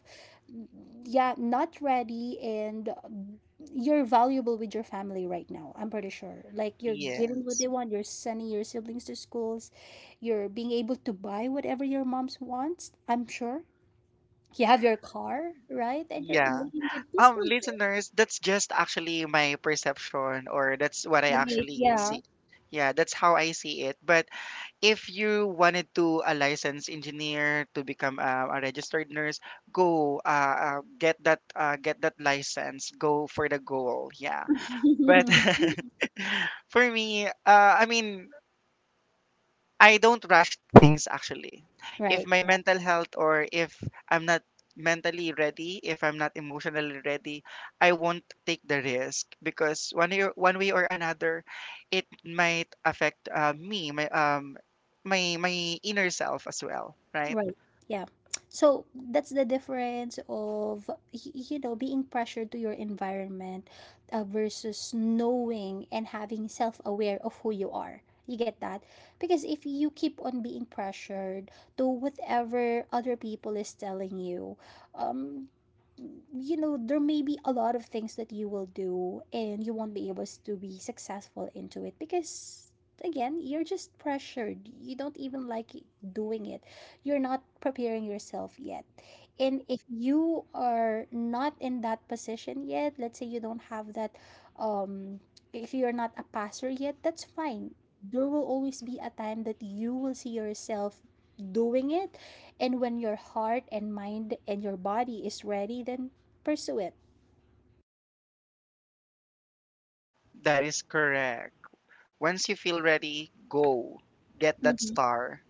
Speaker 1: yeah, not ready. And you're valuable with your family right now, I'm pretty sure. Like, you're giving what
Speaker 2: Yes.
Speaker 1: they want, you're sending your siblings to schools, you're being able to buy whatever your mom's wants, I'm sure. You have your car, right? And you're
Speaker 2: Yeah.
Speaker 1: living with peaceful life.
Speaker 2: Listeners, that's just actually my perception, or that's what I
Speaker 1: Right,
Speaker 2: actually see.
Speaker 1: yeah.
Speaker 2: Yeah, that's how I see it. But if you wanted to a licensed engineer, to become a registered nurse, go get that license. Go for the goal. Yeah. But for me, I mean, I don't rush things actually. If
Speaker 1: Right,
Speaker 2: my
Speaker 1: yeah.
Speaker 2: mental health, or if I'm not mentally ready, if I'm not emotionally ready, I won't take the risk, because one way or another, it might affect me, my inner self as well. Right?
Speaker 1: Right. Yeah. So that's the difference of you know, being pressured to your environment, versus knowing and having self-aware of who you are. You get that? Because if you keep on being pressured to whatever other people is telling you, um you know, there may be a lot of things that you will do and you won't be able to be successful into it because, again, you're just pressured. You don't even like doing it. You're not preparing yourself yet. And if you are not in that position yet, let's say you don't have that um if you're not a passer yet, that's fine. There will always be a time that you will see yourself doing it, and when your heart and mind and your body is ready, then pursue it.
Speaker 2: That is correct. Once you feel ready, go get that
Speaker 1: Mhm.
Speaker 2: star.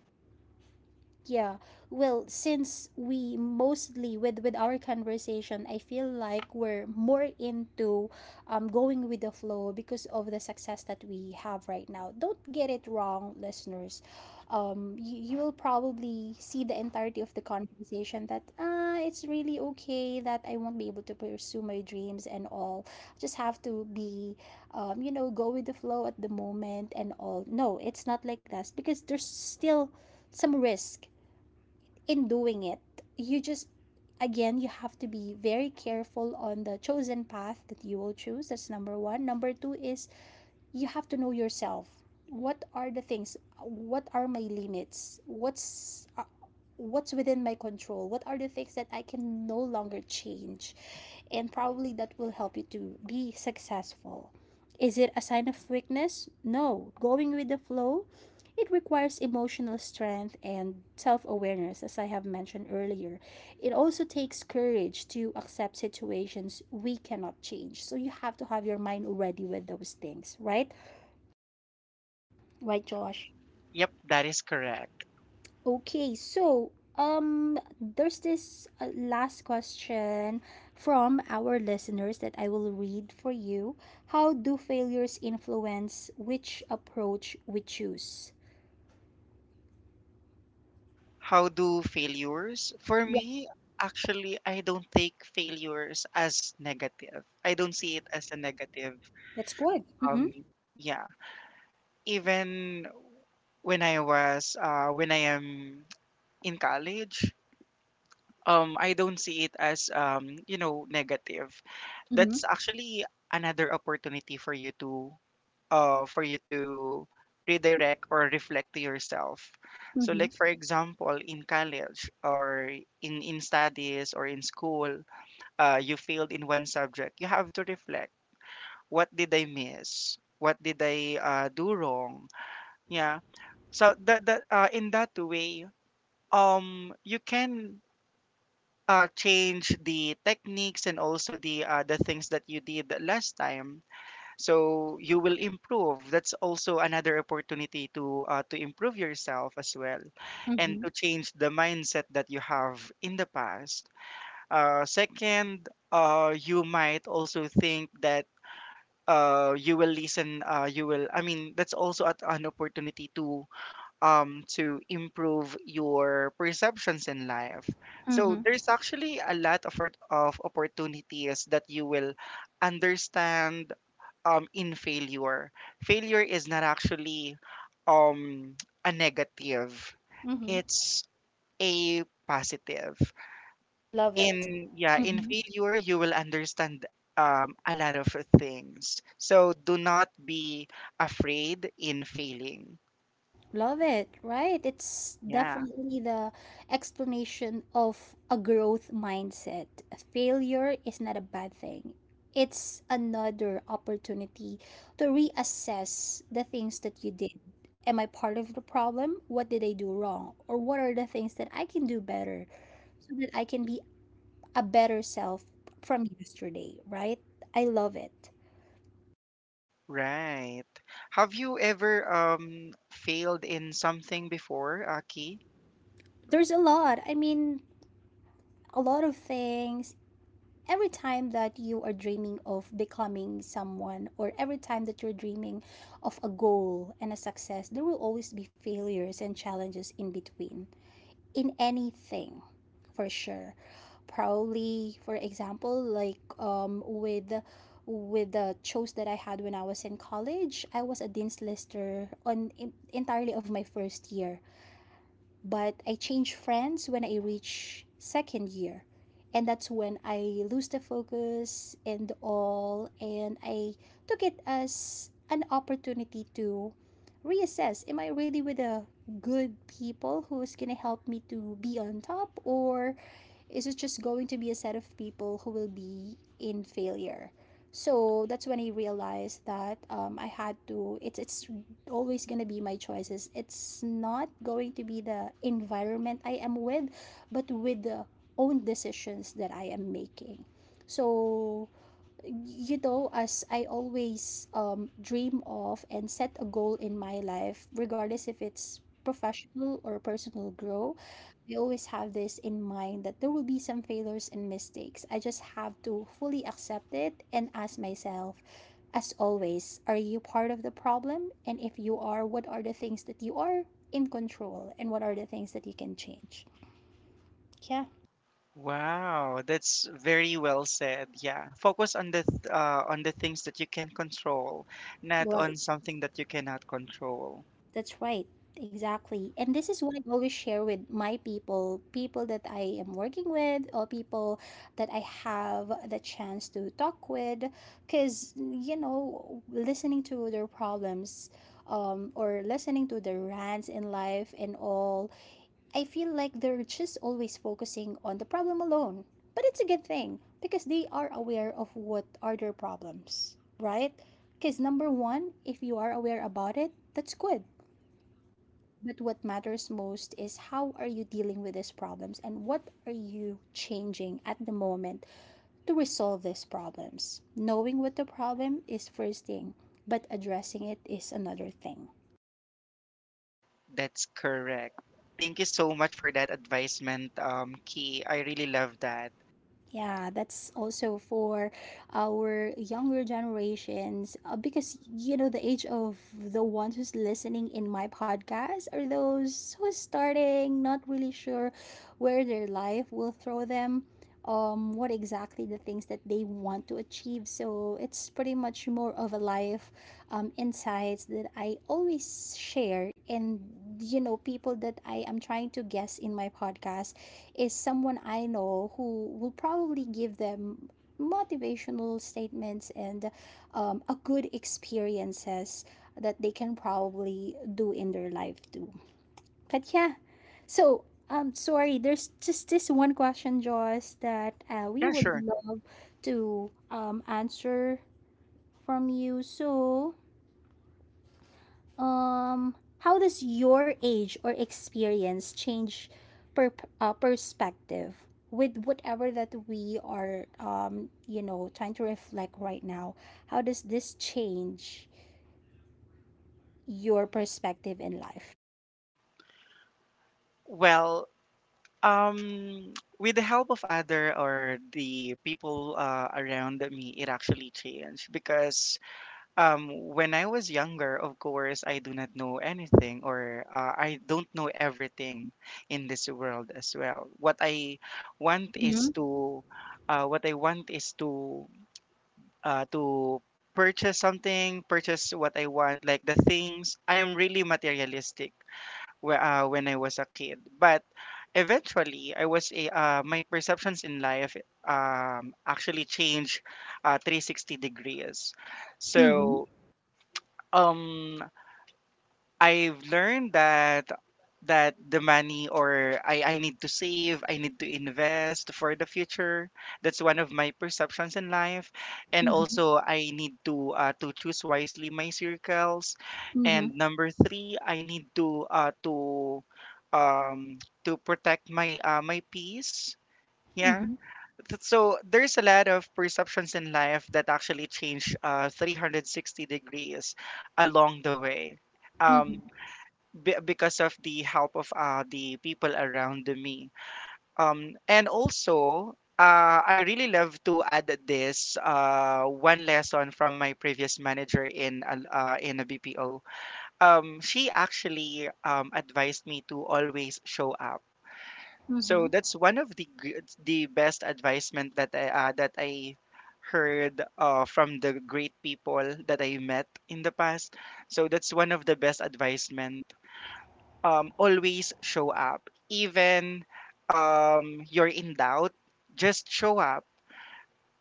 Speaker 1: Yeah. Well, since we mostly with our conversation, I feel like we're more into going with the flow because of the success that we have right now. Don't get it wrong, listeners. You, you will probably see the entirety of the conversation that ah, it's really okay that I won't be able to pursue my dreams and all. Just have to be you know, go with the flow at the moment and all. No, it's not like that because there's still some risk in doing it. You just, again, you have to be very careful on the chosen path that you will choose. That's number one. Number two is you have to know yourself. What are the things? What are my limits? What's within my control, what are the things that I can no longer change, and probably that will help you to be successful. Is it a sign of weakness? No, going with the flow, it requires emotional strength and self-awareness, as I have mentioned earlier. It also takes courage to accept situations we cannot change, so you have to have your mind already with those things, right? Right, Josh?
Speaker 2: Yep, that is correct.
Speaker 1: Okay, so there's this last question from our listeners that I will read for you. How do failures influence which approach we choose?
Speaker 2: How do failures? For
Speaker 1: Yeah,
Speaker 2: me, actually, I don't take failures as negative. I don't see it as a negative.
Speaker 1: that's good.
Speaker 2: Um,
Speaker 1: Mhm.
Speaker 2: yeah. Even when I am in college, I don't see it as negative.
Speaker 1: Mhm.
Speaker 2: That's actually another opportunity for you to uh, for you to redirect or reflect to yourself. So,
Speaker 1: Mhm.
Speaker 2: like for example, in college or in studies or in school, you failed in one subject. You have to reflect. What did I miss? What did I do wrong? Yeah. So that that in that way, you can. Change the techniques and also the things that you did last time, so you will improve. That's also another opportunity to improve yourself as well, and
Speaker 1: Mhm.
Speaker 2: to change the mindset that you have in the past. Second, you might also think that you will listen you will I mean that's also at an opportunity to improve your perceptions in life. So
Speaker 1: Mhm.
Speaker 2: there's actually a lot of, of opportunities that you will understand in failure. Failure is not actually um a negative.
Speaker 1: Mhm.
Speaker 2: It's a positive.
Speaker 1: Love it.
Speaker 2: In
Speaker 1: Mhm.
Speaker 2: failure you will understand a lot of things. So do not be afraid in failing.
Speaker 1: Love it, right? It's
Speaker 2: Yeah,
Speaker 1: definitely the explanation of a growth mindset. Failure is not a bad thing. It's another opportunity to reassess the things that you did. Am I part of the problem? What did I do wrong? Or what are the things that I can do better so that I can be a better self from yesterday, right? I love it.
Speaker 2: right. Have you ever failed in something before, Aki?
Speaker 1: There's a lot. I mean, a lot of things. Every time that you are dreaming of becoming someone, or every time that you're dreaming of a goal and a success, there will always be failures and challenges in between, in anything, for sure. Probably, for example, like with the shows that I had when I was in college, I was a dean's lister on in, entirely of my first year. But I changed friends when I reached second year. And that's when I lose the focus and all. And I took it as an opportunity to reassess, am I really with the good people who's going to help me to be on top? Or is it just going to be a set of people who will be in failure? So that's when I realized that I had to. It's always gonna be my choices. It's not going to be the environment I am with, but with the own decisions that I am making. So, you know, as I always dream of and set a goal in my life, regardless if it's professional or personal grow, I always have this in mind that there will be some failures and mistakes. I just have to fully accept it and ask myself, as always, are you part of the problem? And if you are, what are the things that you are in control and what are the things that you can change? Yeah.
Speaker 2: Wow, that's very well said. Yeah, focus on on the things that you can control, not on
Speaker 1: Right.
Speaker 2: something that you cannot control.
Speaker 1: That's right. Exactly. And this is what I always share with my people, people that I am working with, or people that I have the chance to talk with. Because, you know, listening to their problems or listening to their rants in life and all, I feel like they're just always focusing on the problem alone. But it's a good thing because they are aware of what are their problems, right? Because number one, if you are aware about it, that's good. But what matters most is how are you dealing with these problems and what are you changing at the moment to resolve these problems. Knowing what the problem is first thing, but addressing it is another thing.
Speaker 2: That's correct. Thank you so much for that advisement, Key. I really love that.
Speaker 1: Yeah, that's also for our younger generations because you know the age of the ones who's listening in my podcast are those who's starting, not really sure where their life will throw them, what exactly the things that they want to achieve. So it's pretty much more of a life insights that I always share and you know people that I am trying to guess in my podcast is someone I know who will probably give them motivational statements and a good experiences that they can probably do in their life too. But yeah, so sorry, there's just this one question, Joss, that we
Speaker 2: Yeah,
Speaker 1: would
Speaker 2: sure.
Speaker 1: love to answer from you. So, how does your age or experience change per perspective with whatever that we are you know, trying to reflect right now? How does this change your perspective in life?
Speaker 2: Well, with the help of other or the people around me, it actually changed. Because um, when I was younger, of course, I do not know anything, or I don't know everything in this world as well. Want
Speaker 1: Mm-hmm.
Speaker 2: is to, what I want is to purchase something, purchase what I want, like the things. I am really materialistic, when I was a kid, but eventually, my perceptions in life actually changed 360 degrees.
Speaker 1: Mm-hmm.
Speaker 2: So um I've learned that that the money, or I need to save, I need to invest for the future. That's one of my perceptions in life. And
Speaker 1: Mm-hmm.
Speaker 2: also I need to choose wisely my circles.
Speaker 1: Mm-hmm.
Speaker 2: And number three, I need to um to protect my my peace. Yeah. So there's a lot of perceptions in life that actually change 360 degrees along the way.
Speaker 1: Mm-hmm.
Speaker 2: Um, be because of the help of the people around me. And also, I really love to add this one lesson from my previous manager in a BPO. She actually advised me to always show up.
Speaker 1: Mm-hmm.
Speaker 2: So that's one of the best advisement that I heard from the great people that I met in the past. So that's one of the best advisement, always show up. Even you're in doubt, just show up.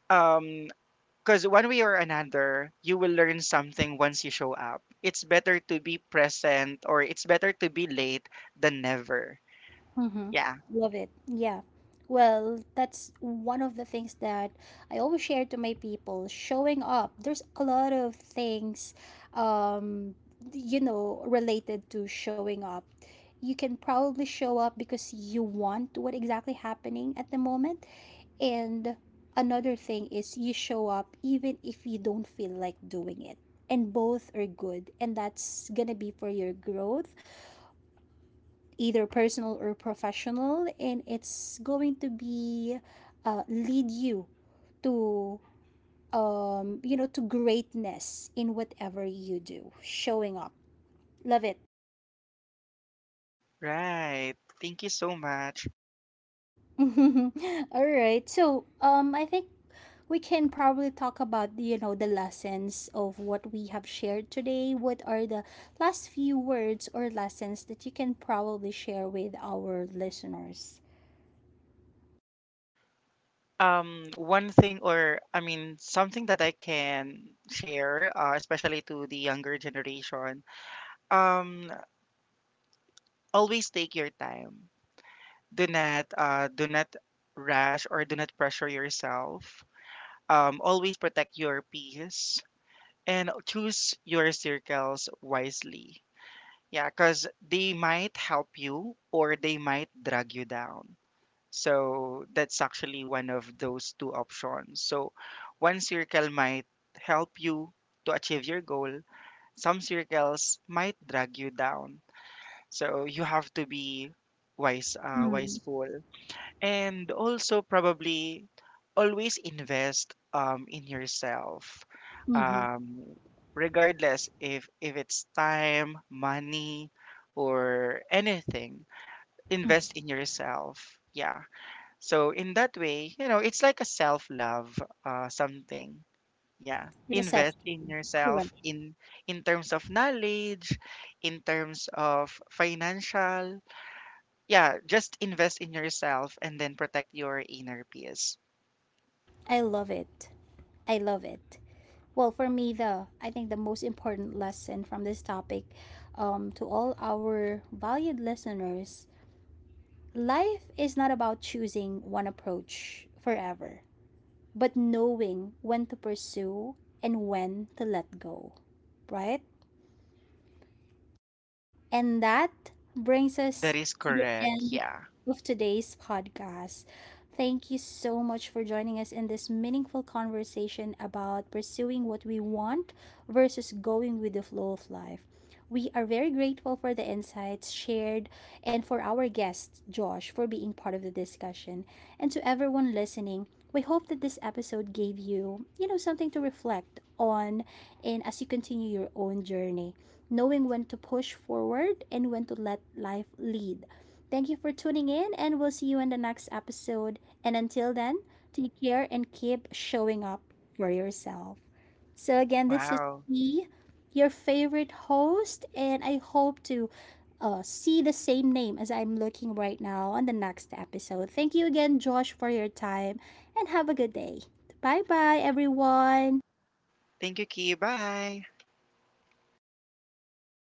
Speaker 2: Because one way or another, you will learn something once you show up. It's better to be present, or it's better to be late than never. Yeah,
Speaker 1: Love it. Yeah. Well, that's one of the things that I always share to my people. Showing up. There's a lot of things, um, you know, related to showing up. You can probably show up because you want what exactly happening at the moment. And another thing is you show up even if you don't feel like doing it. And both are good. And that's gonna be for your growth either personal or professional, and it's going to be lead you to you know to greatness in whatever you do. Showing up, love it.
Speaker 2: right. Thank you so much.
Speaker 1: All right, so I think we can probably talk about you know the lessons of what we have shared today, what are the last few words or lessons that you can probably share with our listeners.
Speaker 2: One thing, or I mean, something that I can share, especially to the younger generation, um, always take your time. Do not do not rush or do not pressure yourself. Always protect your peace and choose your circles wisely. Yeah, because they might help you, or they might drag you down. So that's actually one of those two options. So one circle might help you to achieve your goal. Some circles might drag you down, so you have to be wise,
Speaker 1: Mm.
Speaker 2: wiseful. And also probably always invest, in yourself,
Speaker 1: Mm-hmm.
Speaker 2: um, regardless if it's time, money, or anything. Invest in yourself. Yeah, so in that way, you know, it's like a self-love, something. Yeah,
Speaker 1: The
Speaker 2: invest in
Speaker 1: self-care,
Speaker 2: yourself,
Speaker 1: correct.
Speaker 2: in terms of knowledge, in terms of financial. Yeah, just invest in yourself and then protect your inner peace.
Speaker 1: I love it. I love it. Well, for me, the I think the most important lesson from this topic, to all our valued listeners, life is not about choosing one approach forever, but knowing when to pursue and when to let go, right? And that brings
Speaker 2: That
Speaker 1: us
Speaker 2: is
Speaker 1: to the
Speaker 2: correct.
Speaker 1: end
Speaker 2: Yeah.
Speaker 1: of today's podcast. Thank you so much for joining us in this meaningful conversation about pursuing what we want versus going with the flow of life. We are very grateful for the insights shared and for our guest, Josh, for being part of the discussion. And to everyone listening, we hope that this episode gave you, you know, something to reflect on and as you continue your own journey knowing when to push forward and when to let life lead. Thank you for tuning in, and we'll see you in the next episode. And until then, take care and keep showing up for yourself. So, again, this is
Speaker 2: Wow.
Speaker 1: me, your favorite host, and I hope to see the same name as I'm looking right now on the next episode. Thank you again, Josh, for your time, and have a good day. Bye bye, everyone.
Speaker 2: Thank you, Key. Bye.